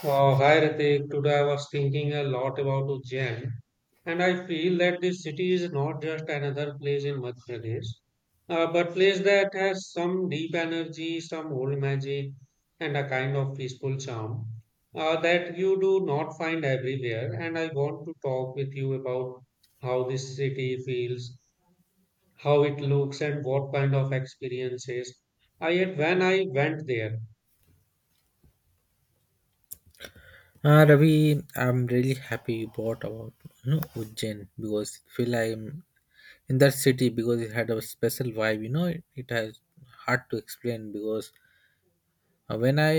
Wow, hi Ritik. Today I was thinking a lot about Ujjain, and I feel that this city is not just another place in Madhya Pradesh, but place that has some deep energy, some old magic, and a kind of peaceful charm that you do not find everywhere. And I want to talk with you about how this city feels, how it looks, and what kind of experiences I had when I went there. Ravi, I'm really happy you bought about Ujjain because it feel like I'm in that city because it had a special vibe. You know, it has hard to explain because uh, when I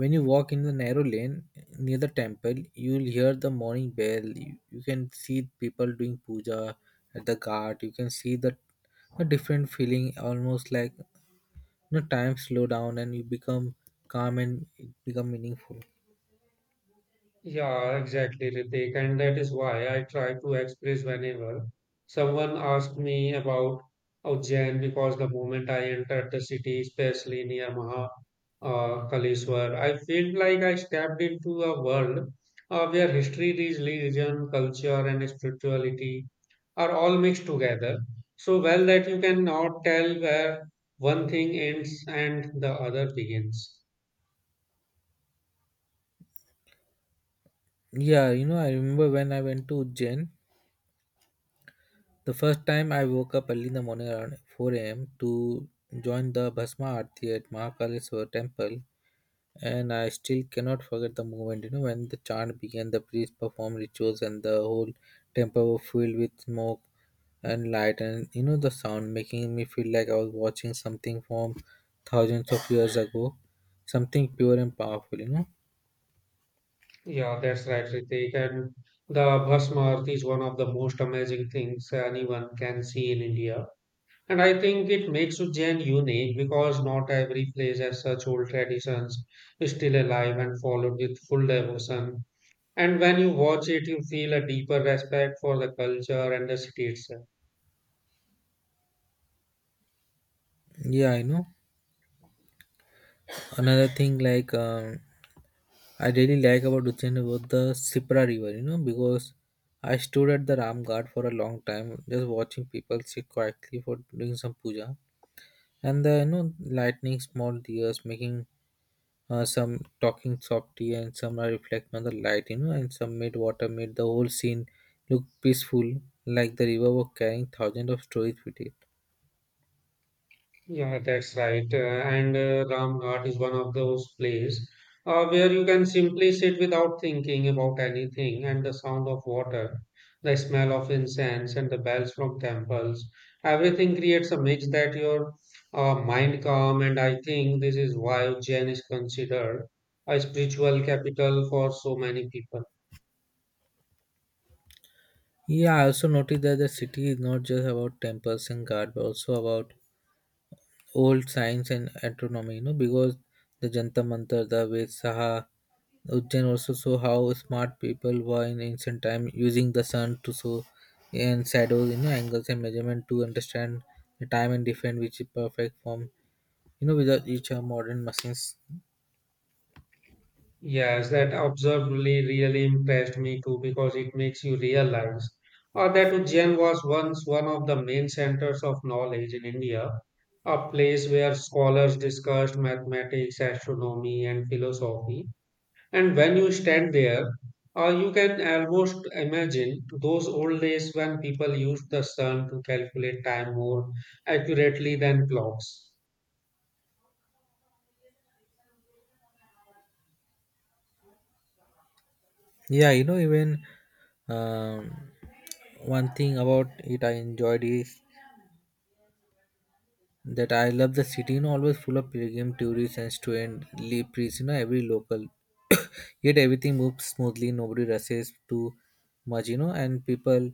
when you walk in the narrow lane near the temple, you'll hear the morning bell. You can see people doing puja at the ghat. You can see the a different feeling, almost like time slow down and you become calm and it become meaningful. Yeah, exactly, Ritik. And that is why I try to express whenever someone asked me about Ujjain because the moment I entered the city, especially near Maha Kaleshwar, I felt like I stepped into a world where history, religion, culture, and spirituality are all mixed together so well that you cannot tell where one thing ends and the other begins. Yeah, you know, I remember when I went to Ujjain, the first time I woke up early in the morning around 4 a.m. to join the Bhasma Aarti at Mahakaleshwar temple, and I still cannot forget the moment, you know, when the chant began, the priest performed rituals and the whole temple was filled with smoke and light, and you know the sound making me feel like I was watching something from thousands of years ago. Something pure and powerful, you know. Yeah, that's right, Ritik. And the Bhasma Aarti is one of the most amazing things anyone can see in India. And I think it makes Ujjain unique because not every place has such old traditions still alive and followed with full devotion. And when you watch it, you feel a deeper respect for the culture and the city itself. Yeah, I know. Another thing like I really like about Ujjain was the Sipra river, you know, because I stood at the Ram Ghat for a long time, just watching people sit quietly for doing some puja, and the you know lightning small deers making some talking softly, and some are reflecting on the light, you know, and some made water made the whole scene look peaceful, like the river was carrying thousands of stories with it. Yeah, that's right. And Ramghat is one of those places where you can simply sit without thinking about anything, and the sound of water, the smell of incense, and the bells from temples, everything creates a mix that your mind calm. And I think this is why Jain is considered a spiritual capital for so many people. Yeah, I also noticed that the city is not just about temples and God, but also about old science and astronomy, you know, because the Jantar Mantar, the Ved Saha, Ujjain also show how smart people were in ancient time using the sun to show and shadows, you know, angles and measurement to understand the time and different which is perfect form, you know, without each modern machines. Yes, that observed really, really impressed me too because it makes you realize that Ujjain was once one of the main centers of knowledge in India, a place where scholars discussed mathematics, astronomy, and philosophy. And when you stand there, you can almost imagine those old days when people used the sun to calculate time more accurately than clocks. Yeah, you know, even um, one thing about it I enjoyed is that I love the city, you know, always full of pilgrim, tourists, and priests, you know, every local. Yet everything moves smoothly, nobody rushes too much, you know, and people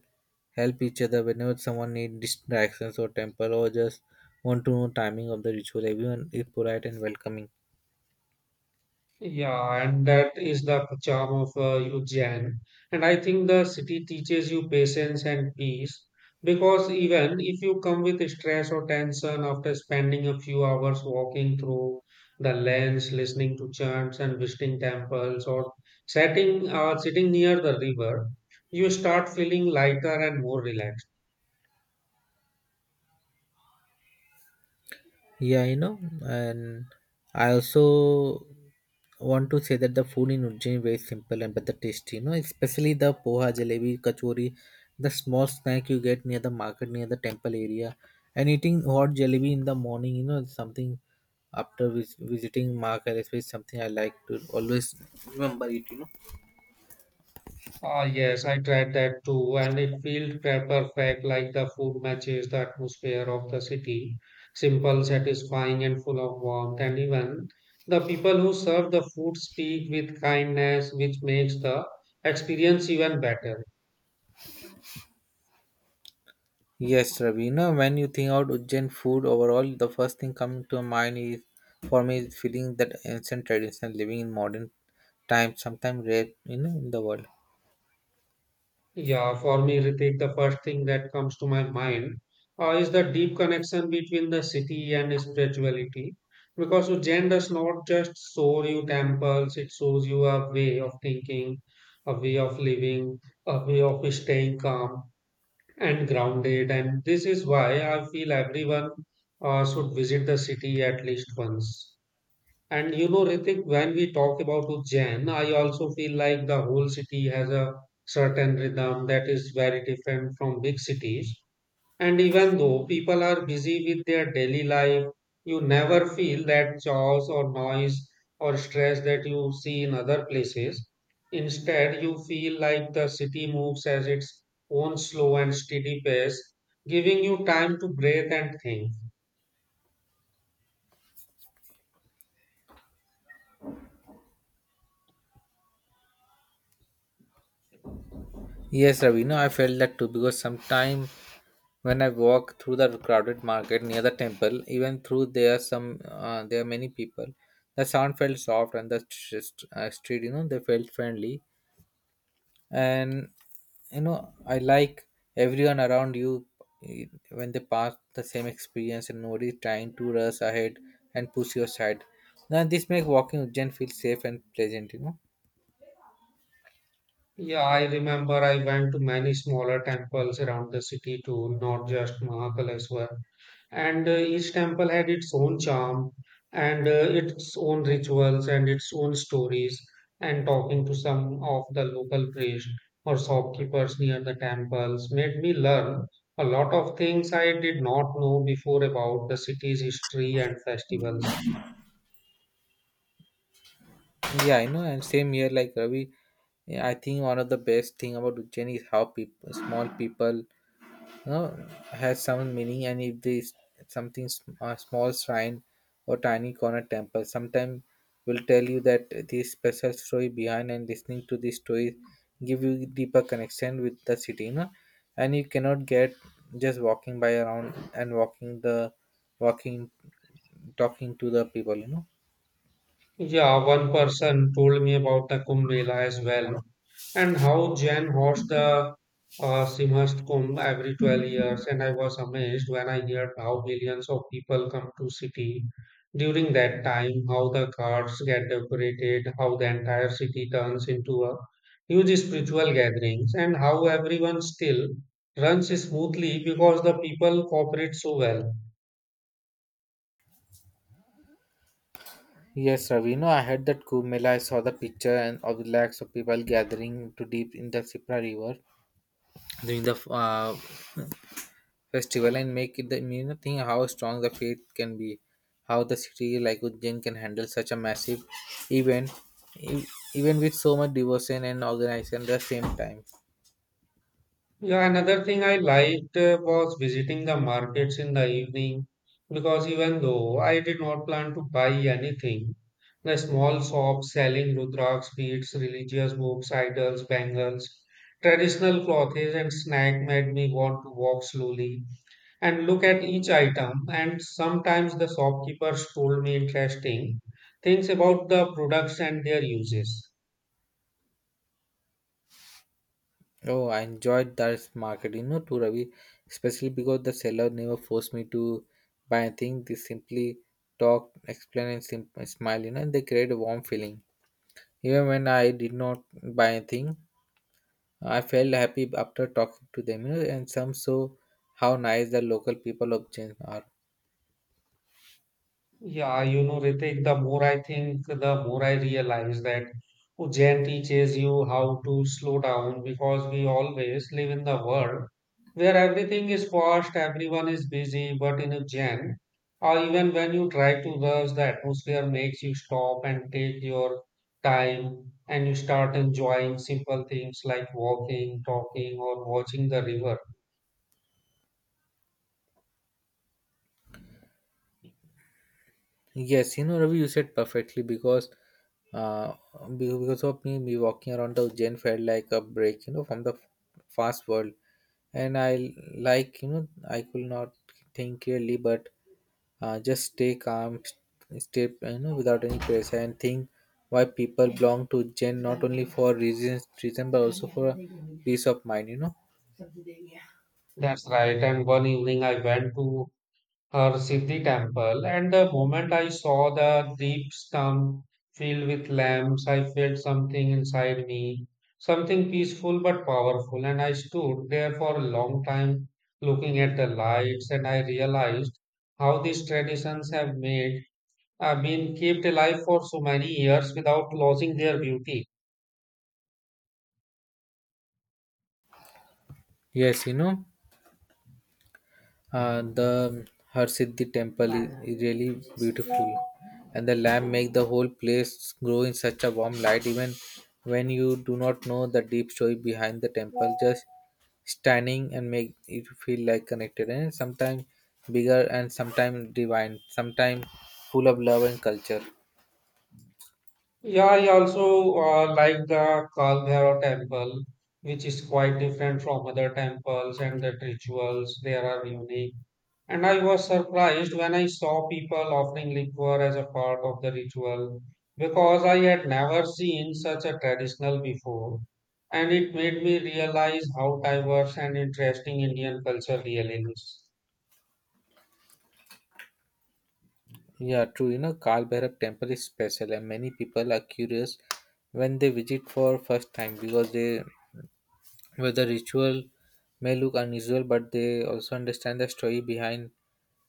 help each other whenever someone needs distractions or temple or just want to know timing of the ritual. Everyone is polite and welcoming. Yeah, and that is the charm of Ujjain. And I think the city teaches you patience and peace because even if you come with stress or tension after spending a few hours walking through the lanes, listening to chants and visiting temples or sitting near the river, you start feeling lighter and more relaxed. Yeah, you know, and I also want to say that the food in Ujjain is very simple and better tasty. You know, especially the poha, jalebi, kachori, the small snack you get near the market, near the temple area, and eating hot jalebi in the morning. You know, is something after visiting market, is something I like to always remember it. You know. Ah, yes, I tried that too, and it felt perfect, like the food matches the atmosphere of the city. Simple, satisfying, and full of warmth. And even the people who serve the food speak with kindness, which makes the experience even better. Yes, Ravi. Now, when you think about Ujjain food overall, the first thing coming to mind is for me is feeling that ancient tradition living in modern times, sometimes rare, you know, in the world. Yeah, for me, Ritik, the first thing that comes to my mind is the deep connection between the city and spirituality. Because Ujjain does not just show you temples, it shows you a way of thinking, a way of living, a way of staying calm and grounded. And this is why I feel everyone should visit the city at least once. And you know, Ritik, when we talk about Ujjain, I also feel like the whole city has a certain rhythm that is very different from big cities. And even though people are busy with their daily life, you never feel that chaos or noise or stress that you see in other places. Instead, you feel like the city moves at its own slow and steady pace, giving you time to breathe and think. Yes, Ravi. No, I felt that too because sometimes when I walk through the crowded market near the temple, even through there are some there are many people, the sound felt soft and the street, you know, they felt friendly. And you know I like everyone around you, eh, when they pass the same experience and nobody is trying to rush ahead and push you aside. Now this makes walking Ujjain feel safe and pleasant, you know. Yeah, I remember I went to many smaller temples around the city too, not just Mahakaleswar. And each temple had its own charm and its own rituals and its own stories. And talking to some of the local priests or shopkeepers near the temples made me learn a lot of things I did not know before about the city's history and festivals. Yeah, you know, and same here like Ravi. Yeah, I think one of the best thing about Ujjain is how people small people know, has some meaning, and if there is something a small shrine or tiny corner temple sometimes will tell you that this special story behind, and listening to this story give you deeper connection with the city, you know. And you cannot get just walking by around and walking the walking talking to the people, you know. Yeah, one person told me about the Kumbh Mela as well, and how Jain hosts the Simhast Kumbh every 12 years. And I was amazed when I heard how millions of people come to city during that time, how the carts get decorated, how the entire city turns into a huge spiritual gatherings, and how everyone still runs smoothly because the people cooperate so well. Yes, Ravi. You know, I heard that Kumbh Mela, I saw the picture and of the lakhs of people gathering to deep in the Sipra River during the festival and make it the you know, think how strong the faith can be, how the city like Ujjain can handle such a massive event, e- even with so much devotion and organization at the same time. Yeah, another thing I liked was visiting the markets in the evening because even though I did not plan to buy anything, the small shops selling Rudraksh beads, religious books, idols, bangles, traditional clothes, and snack made me want to walk slowly and look at each item. And sometimes the shopkeepers told me interesting things about the products and their uses. Oh, I enjoyed that market, you know, too, Ravi, especially because the seller never forced me to buy anything. They simply talked, explained, and smiled, you know, and they create a warm feeling. Even when I did not buy anything, I felt happy after talking to them, you know, and some saw how nice the local people of Jain are. Yeah, you know, Ritik, the more I think, the more I realize that Ujjain teaches you how to slow down because we always live in the world where everything is fast, everyone is busy, but in Ujjain, or even when you try to rush, the atmosphere makes you stop and take your time and you start enjoying simple things like walking, talking, or watching the river. Yes, you know, Ravi, you said perfectly because uh, because of me, me walking around the Jain felt like a break, you know, from the fast world. And I like, you know, I could not think clearly, but just stay calm, stay, you know, without any pressure and think why people belong to Jain not only for reason, but also for peace of mind, you know. That's right. And one evening I went to her Siddhi temple, and the moment I saw the deep stump filled with lamps, I felt something inside me, something peaceful but powerful, and I stood there for a long time looking at the lights, and I realized how these traditions have made been kept alive for so many years without losing their beauty. Yes, you know. The Harsiddhi temple is really beautiful, and the lamp make the whole place grow in such a warm light. Even when you do not know the deep story behind the temple, just standing and make it feel like connected. And sometimes bigger, and sometimes divine, sometimes full of love and culture. Yeah, I also like the Kalbhairov temple, which is quite different from other temples and the rituals. They are unique. And I was surprised when I saw people offering liquor as a part of the ritual because I had never seen such a traditional before. And it made me realize how diverse and interesting Indian culture really is. Yeah, true. You know, Kal Bhairav temple is special, and many people are curious when they visit for first time because they where the ritual may look unusual, but they also understand the story behind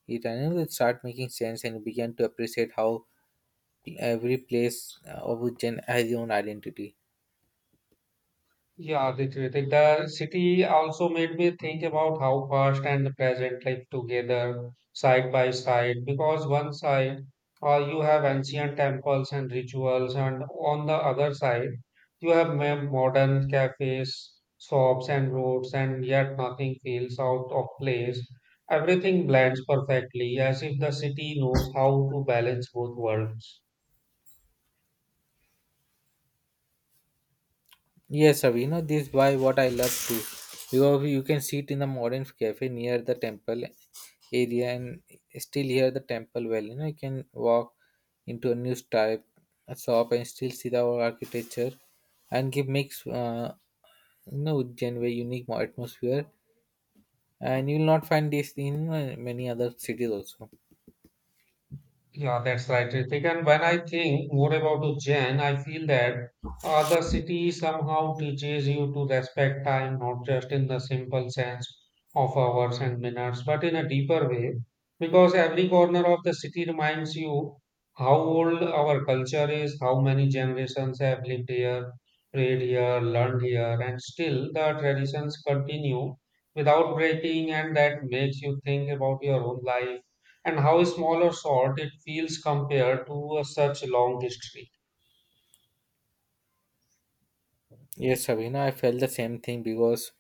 it, and it start making sense and begin to appreciate how every place of Ujjain has its own identity. Yeah, Ritvik, like the city also made me think about how past and the present live together side by side. Because one side, you have ancient temples and rituals, and on the other side, you have modern cafes, shops, and roads, and yet nothing feels out of place. Everything blends perfectly, as if the city knows how to balance both worlds. Yes, sir, you know this is why what I love too, because you can sit in a modern cafe near the temple area and still hear the temple well. You know you can walk into a new type a shop and still see the old architecture and give makes you know Ujjain very unique atmosphere, and you will not find this in many other cities also. Yeah, that's right, Ritik. And when I think more about Ujjain, I feel that the city somehow teaches you to respect time, not just in the simple sense of hours and minutes, but in a deeper way, because every corner of the city reminds you how old our culture is, how many generations have lived here, prayed here, learned here, and still the traditions continue without breaking, and that makes you think about your own life and how small or short it feels compared to a such a long history. Yes Sabina, I felt the same thing because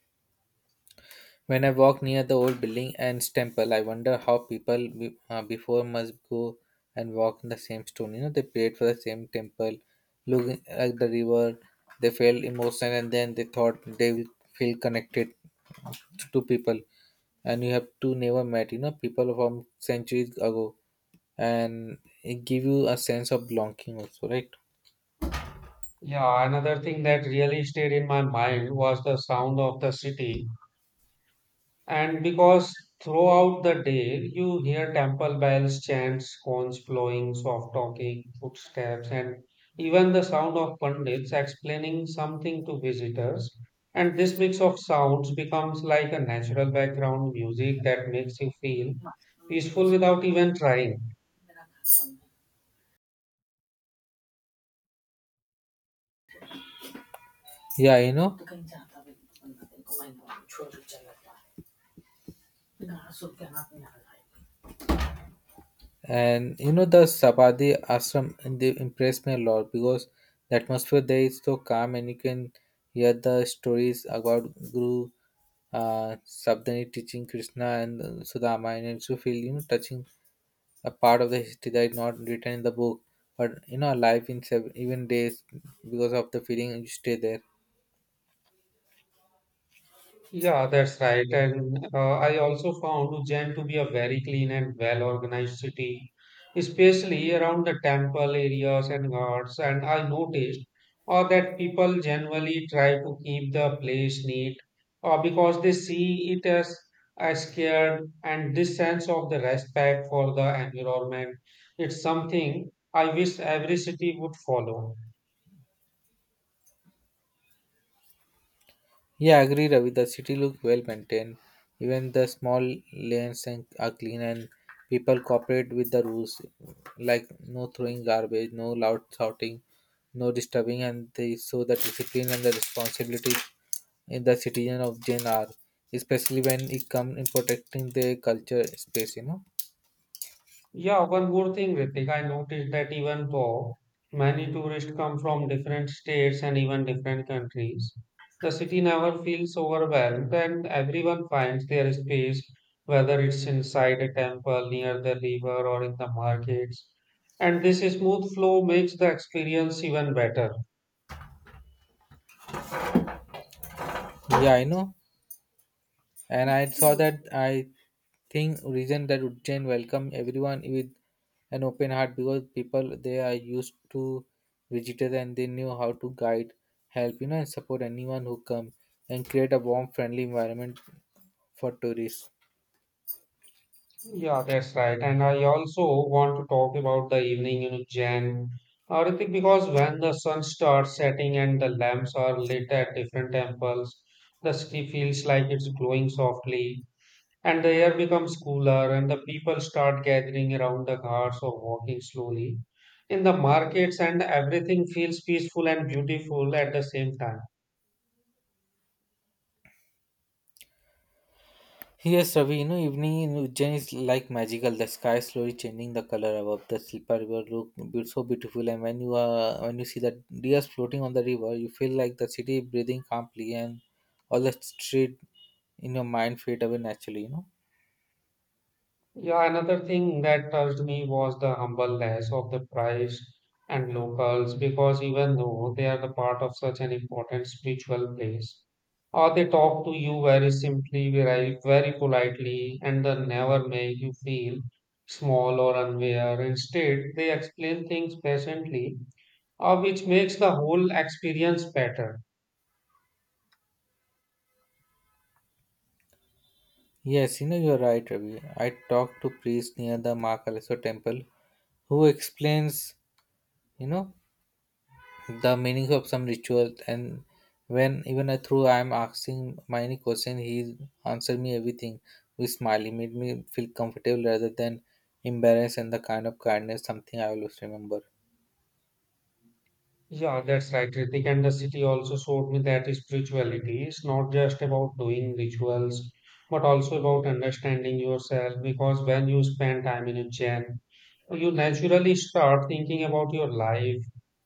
when I walk near the old building and temple I wonder how people before must go and walk in the same stone, you know, they prayed for the same temple, looking at the river, they felt emotion, and then they thought they will feel connected to people and you have to never met, you know, people from centuries ago, and it give you a sense of belonging also, right? Yeah, another thing that really stayed in my mind was the sound of the city. And because throughout the day you hear temple bells, chants, horns blowing, soft talking, footsteps, and even the sound of pundits explaining something to visitors. And this mix of sounds becomes like a natural background music that makes you feel peaceful without even trying. Yeah, you know, and you know the Sabardi Ashram and they impressed me a lot because the atmosphere there is so calm and you can hear the stories about Guru Sabdani teaching Krishna and Sudama, and it's you feel you know touching a part of the history that is not written in the book, but you know alive in seven even days because of the feeling you stay there. Yeah, that's right. And I also found Ujjain to be a very clean and well-organized city, especially around the temple areas and ghats. And I noticed that people generally try to keep the place neat because they see it as scared. And this sense of the respect for the environment, it's something I wish every city would follow. Yeah, I agree, Ravi. The city look well maintained. Even the small lanes and are clean, and people cooperate with the rules, like no throwing garbage, no loud shouting, no disturbing, and they show the discipline and the responsibility in the citizen of Jain, especially when it comes in protecting their culture space. You know. Yeah, one more thing, Ritik. I noticed that even though many tourists come from different states and even different countries, the city never feels overwhelmed and everyone finds their space, whether it's inside a temple, near the river, or in the markets. And this smooth flow makes the experience even better. Yeah, I know. And I saw that I think reason that Ujjain welcome everyone with an open heart because people they are used to visitors and they knew how to guide, help, you know, and support anyone who come and create a warm, friendly environment for tourists. Yeah, that's right. And I also want to talk about the evening, you know, Jan. Ritik, because when the sun starts setting and the lamps are lit at different temples, the city feels like it's glowing softly, and the air becomes cooler, and the people start gathering around the cars or walking slowly in the markets, and everything feels peaceful and beautiful at the same time. Yes, Ravi, you know, evening in Ujjain is like magical. The sky is slowly changing the color above the Silpa River look so beautiful. And when you see the deers floating on the river, you feel like the city breathing calmly and all the street in your mind fade away naturally, you know. Yeah, another thing that touched me was the humbleness of the priest and locals because even though they are the part of such an important spiritual place, or they talk to you very simply, very, very politely, and they never make you feel small or unaware. Instead, they explain things patiently, which makes the whole experience better. Yes, you know you're right, Ravi. I talked to priest near the Mahakaleso temple who explains, you know, the meaning of some ritual, and when even I through I'm asking my any question he answered me everything with smiley made me feel comfortable rather than embarrassed, and the kindness something I always remember. Yeah, that's right, Ritik. And the city also showed me that spirituality is not just about doing rituals, but also about understanding yourself. Because when you spend time in a gym, you naturally start thinking about your life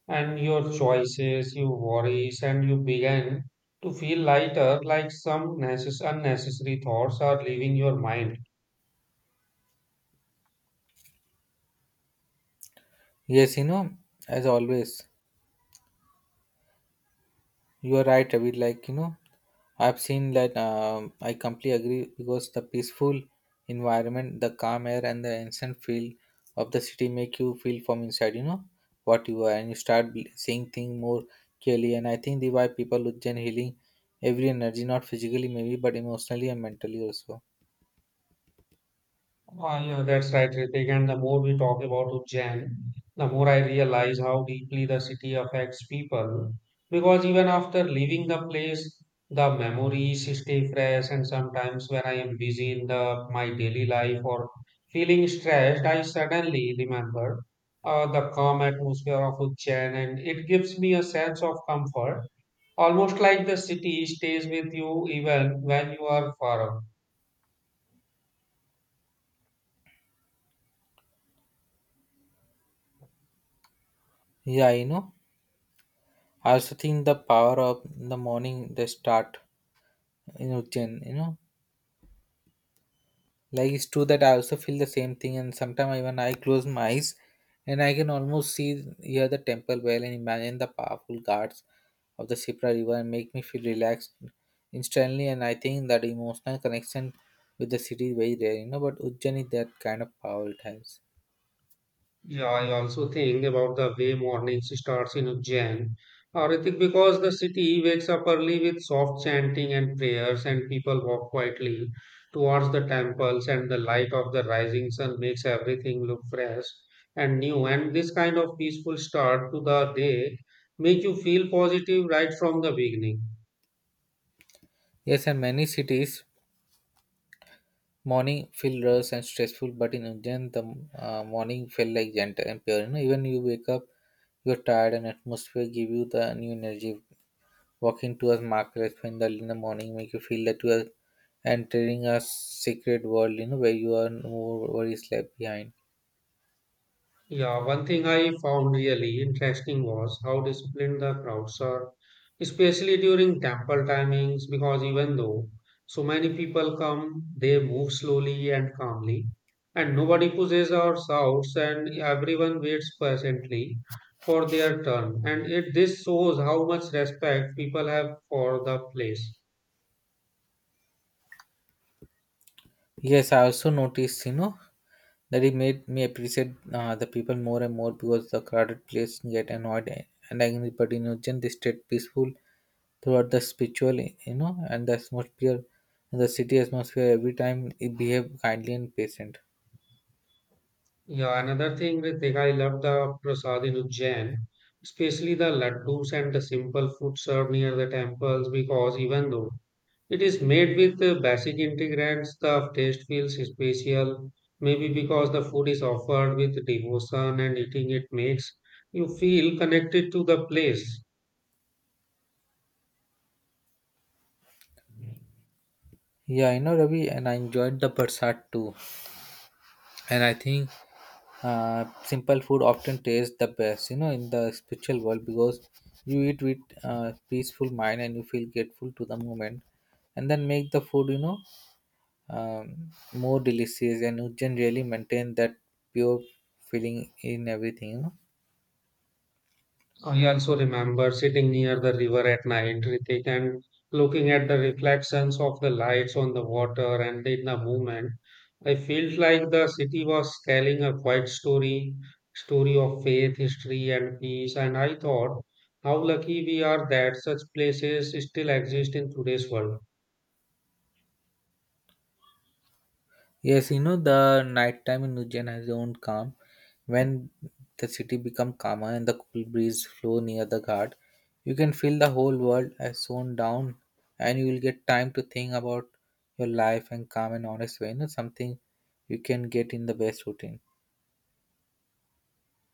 and your choices, your worries, and you begin to feel lighter, like some unnecessary thoughts are leaving your mind. Yes, you know, as always, you are right, Ravi. Like, you know, I've seen that. I completely agree because the peaceful environment, the calm air, and the instant feel of the city make you feel from inside. You know what you are, and you start seeing things more clearly. And I think the why people with Gen healing every energy, not physically maybe, but emotionally and mentally also. Ah, yeah, that's right, Ritik. And the more we talk about Ujjain, the more I realize how deeply the city affects people. Because even after leaving the place, the memories stay fresh. And sometimes when I am busy in the my daily life or feeling stressed, I suddenly remember the calm atmosphere of Ujjain, and it gives me a sense of comfort. Almost like the city stays with you even when you are far away. Yeah, you know. I also think the power of the morning they start in Ujjain, you know. Like it's true that I also feel the same thing, and sometimes even I close my eyes, and I can almost see hear the temple bell and imagine the powerful guards of the Shipra River and make me feel relaxed instantly. And I think that emotional connection with the city is very rare, you know. But Ujjain is that kind of power it has. Yeah, I also think about the way mornings starts in Ujjain. Ritik, because the city wakes up early with soft chanting and prayers, and people walk quietly towards the temples, and the light of the rising sun makes everything look fresh and new. And this kind of peaceful start to the day make you feel positive right from the beginning. Yes, and many cities morning feel rush and stressful, but in Ujjain the morning felt like gentle and pure. You know, even you wake up, you're tired, and atmosphere give you the new energy. Walking tours marked by candlelight in the morning make you feel that you are entering a secret world, you know, where you are no worries left behind. Yeah, one thing I found really interesting was how disciplined the crowds are, especially during temple timings, because even though so many people come, they move slowly and calmly, and nobody pushes or shouts, and everyone waits patiently for their turn. And it this shows how much respect people have for the place. Yes, I also noticed, you know, that it made me appreciate the people more and more because the crowded place get annoyed and angry, but in Ujjain they stayed peaceful throughout the spiritual, you know, and the atmosphere, the city atmosphere every time it behaved kindly and patient. Yeah, another thing, Ritik, I love the prasad in Ujjain, especially the laddus and the simple food served near the temples, because even though it is made with the basic ingredients, the taste feels special. Maybe because the food is offered with devotion and eating it makes you feel connected to the place. Yeah, you know Ravi, and I enjoyed the Barsat too. And I think simple food often tastes the best you know in the spiritual world because you eat with peaceful mind and you feel grateful to the moment and then make the food you know more delicious and you generally maintain that pure feeling in everything you know. I also remember sitting near the river at night, Ritik, and looking at the reflections of the lights on the water and in the movement. I felt like the city was telling a quiet story, story of faith, history, and peace. And I thought, how lucky we are that such places still exist in today's world. Yes, you know the nighttime in Ujjain has its own calm. When the city becomes calmer and the cool breeze flow near the ghat, you can feel the whole world has slowed down, and you will get time to think about your life and calm and honest way. You know something you can get in the best routine.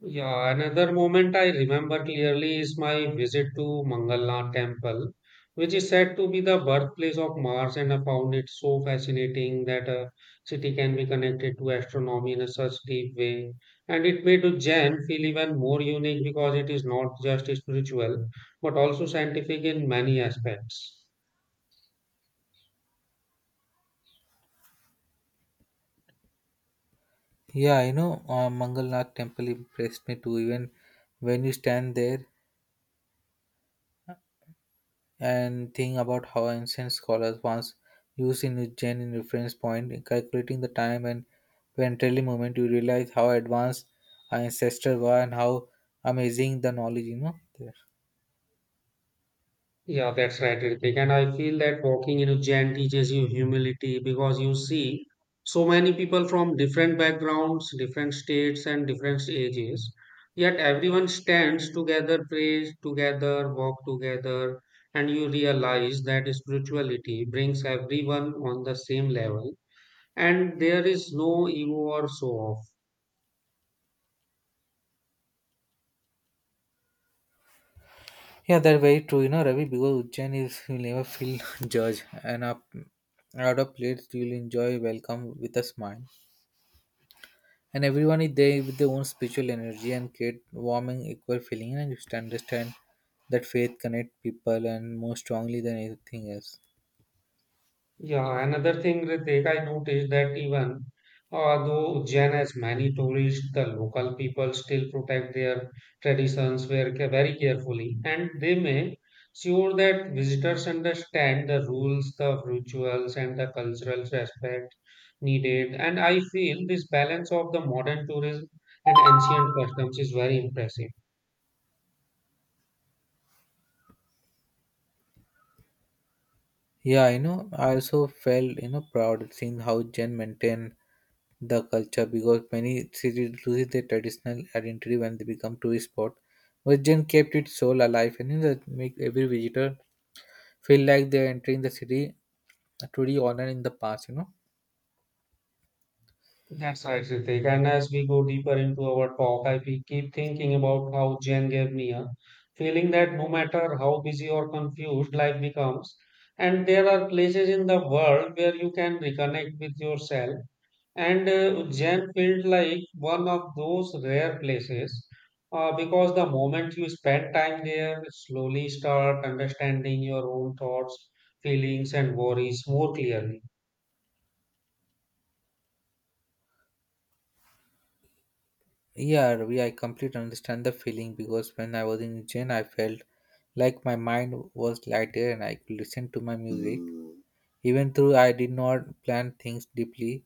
Yeah, another moment I remember clearly is my visit to Mangalnath temple, which is said to be the birthplace of Mars, and I found it so fascinating that a city can be connected to astronomy in a such deep way. And it made Ujjain feel even more unique because it is not just spiritual, but also scientific in many aspects. Yeah, you know, Mangalnath temple impressed me too. Even when you stand there and think about how ancient scholars once used Inugen in reference point in calculating the time and ventrally moment you realize how advanced our ancestors were and how amazing the knowledge you know there. Yeah, that's right, Ritik. And I feel that walking in a jam teaches you humility because you see so many people from different backgrounds, different states, and different ages. Yet everyone stands together, prays together, walk together, and you realize that spirituality brings everyone on the same level. And there is no ego or so off. Yeah, that's very true, you know, Ravi, because Ujjain is you never feel judged and up out of place. You'll enjoy welcome with a smile, and everyone is there with their own spiritual energy and create warming equal feeling, and you just understand that faith connect people and more strongly than anything else. Yeah, another thing, Ritik, I noticed that even though Ujjain has many tourists, the local people still protect their traditions very, very carefully, and they make sure that visitors understand the rules, the rituals, and the cultural respect needed. And I feel this balance of the modern tourism and ancient customs is very impressive. Yeah, you know, I also felt, you know, proud seeing how Gen maintain the culture because many cities lose their traditional identity when they become tourist spot. But Gen kept its soul alive and you know, that make every visitor feel like they're entering the city truly honored in the past, you know. That's right, Ritik. And as we go deeper into our talk, I keep thinking about how Jen gave me a feeling that no matter how busy or confused life becomes, and there are places in the world where you can reconnect with yourself. And Jen felt like one of those rare places because the moment you spend time there, slowly start understanding your own thoughts, feelings, and worries more clearly. Yeah, Ravi, I completely understand the feeling because when I was in Gen, I felt like my mind was lighter and I could listen to my music. Even though I did not plan things deeply,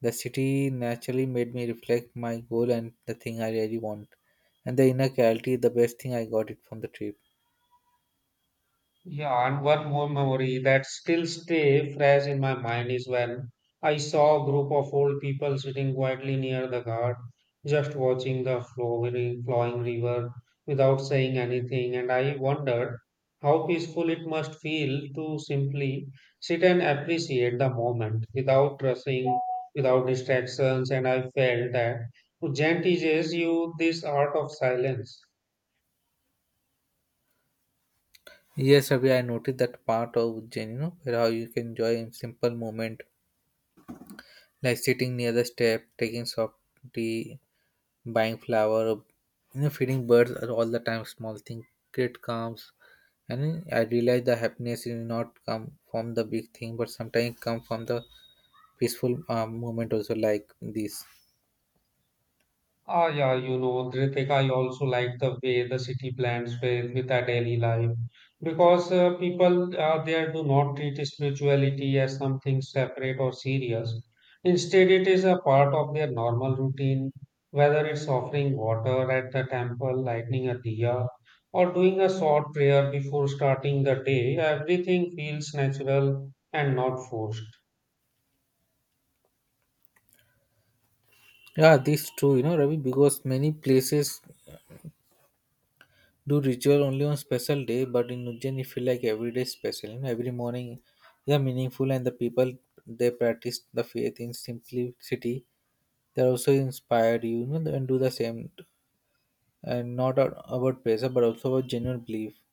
the city naturally made me reflect my goal and the thing I really want. And the inner clarity, the best thing I got it from the trip. Yeah, and one more memory that still stay fresh in my mind is when I saw a group of old people sitting quietly near the guard, just watching the flowing river without saying anything, and I wondered how peaceful it must feel to simply sit and appreciate the moment without rushing, without distractions, and I felt that Ujjain teaches you this art of silence. Yes, Ravi, I noticed that part of Ujjain, you know, where how you can enjoy in simple moment, like sitting near the step, taking soft tea, buying flower, or, you know, feeding birds are all the time. Small thing create calms. And I realized the happiness is not come from the big thing, but sometimes it come from the peaceful moment also, like this. Ah, yeah, you know, Ritik, I also like the way the city blends with our daily life because people there do not treat spirituality as something separate or serious. Instead, it is a part of their normal routine, whether it's offering water at the temple, lighting a diya, or doing a short prayer before starting the day, everything feels natural and not forced. Yeah, this true, you know, Ravi, because many places do ritual only on special day, but in Ujjain, it feel like every day is special. You know, every morning they are meaningful, and the people they practice the faith in simplicity. They're also inspired, you know, and do the same, and not a- about pressure, but also about genuine belief.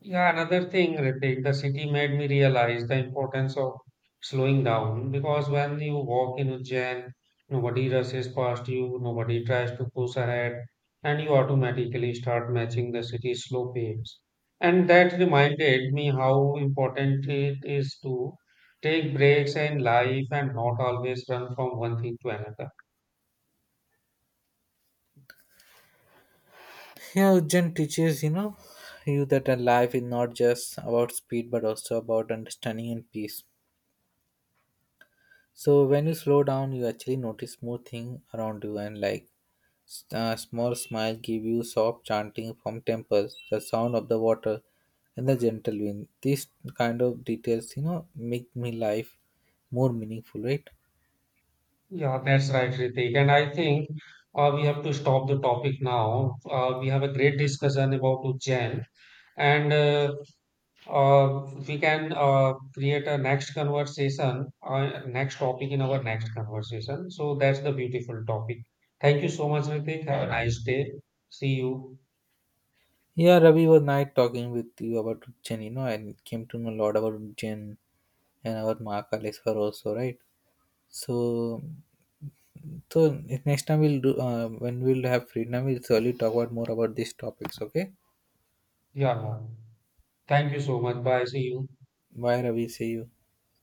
Yeah, another thing, Ritik, the city made me realize the importance of slowing down because when you walk in Ujjain, nobody rushes past you, nobody tries to push ahead, and you automatically start matching the city's slow pace. And that reminded me how important it is to take breaks in life and not always run from one thing to another. Yeah, Ujjain teaches, you know, you that a life is not just about speed, but also about understanding and peace. So when you slow down, you actually notice more thing around you, and like a small smile give you soft chanting from temples, the sound of the water, and the gentle wind. These kind of details, you know, make me life more meaningful, right? Yeah, that's right, Ritik. And I think we have to stop the topic now. We have a great discussion about Ujjain. And We can create a next conversation next topic in our next conversation. So that's the beautiful topic. Thank you so much, Ritik. Have a nice day. See you. Yeah, Ravi was night talking with you about Ujjain, you know, and came to know a lot about Ujjain and about Mahakaleshwar also, right? So, so next time we'll do when we'll have free time, we'll surely talk about more about these topics. Okay? Yeah, thank you so much. Bye. See you. Bye, Ravi. See you.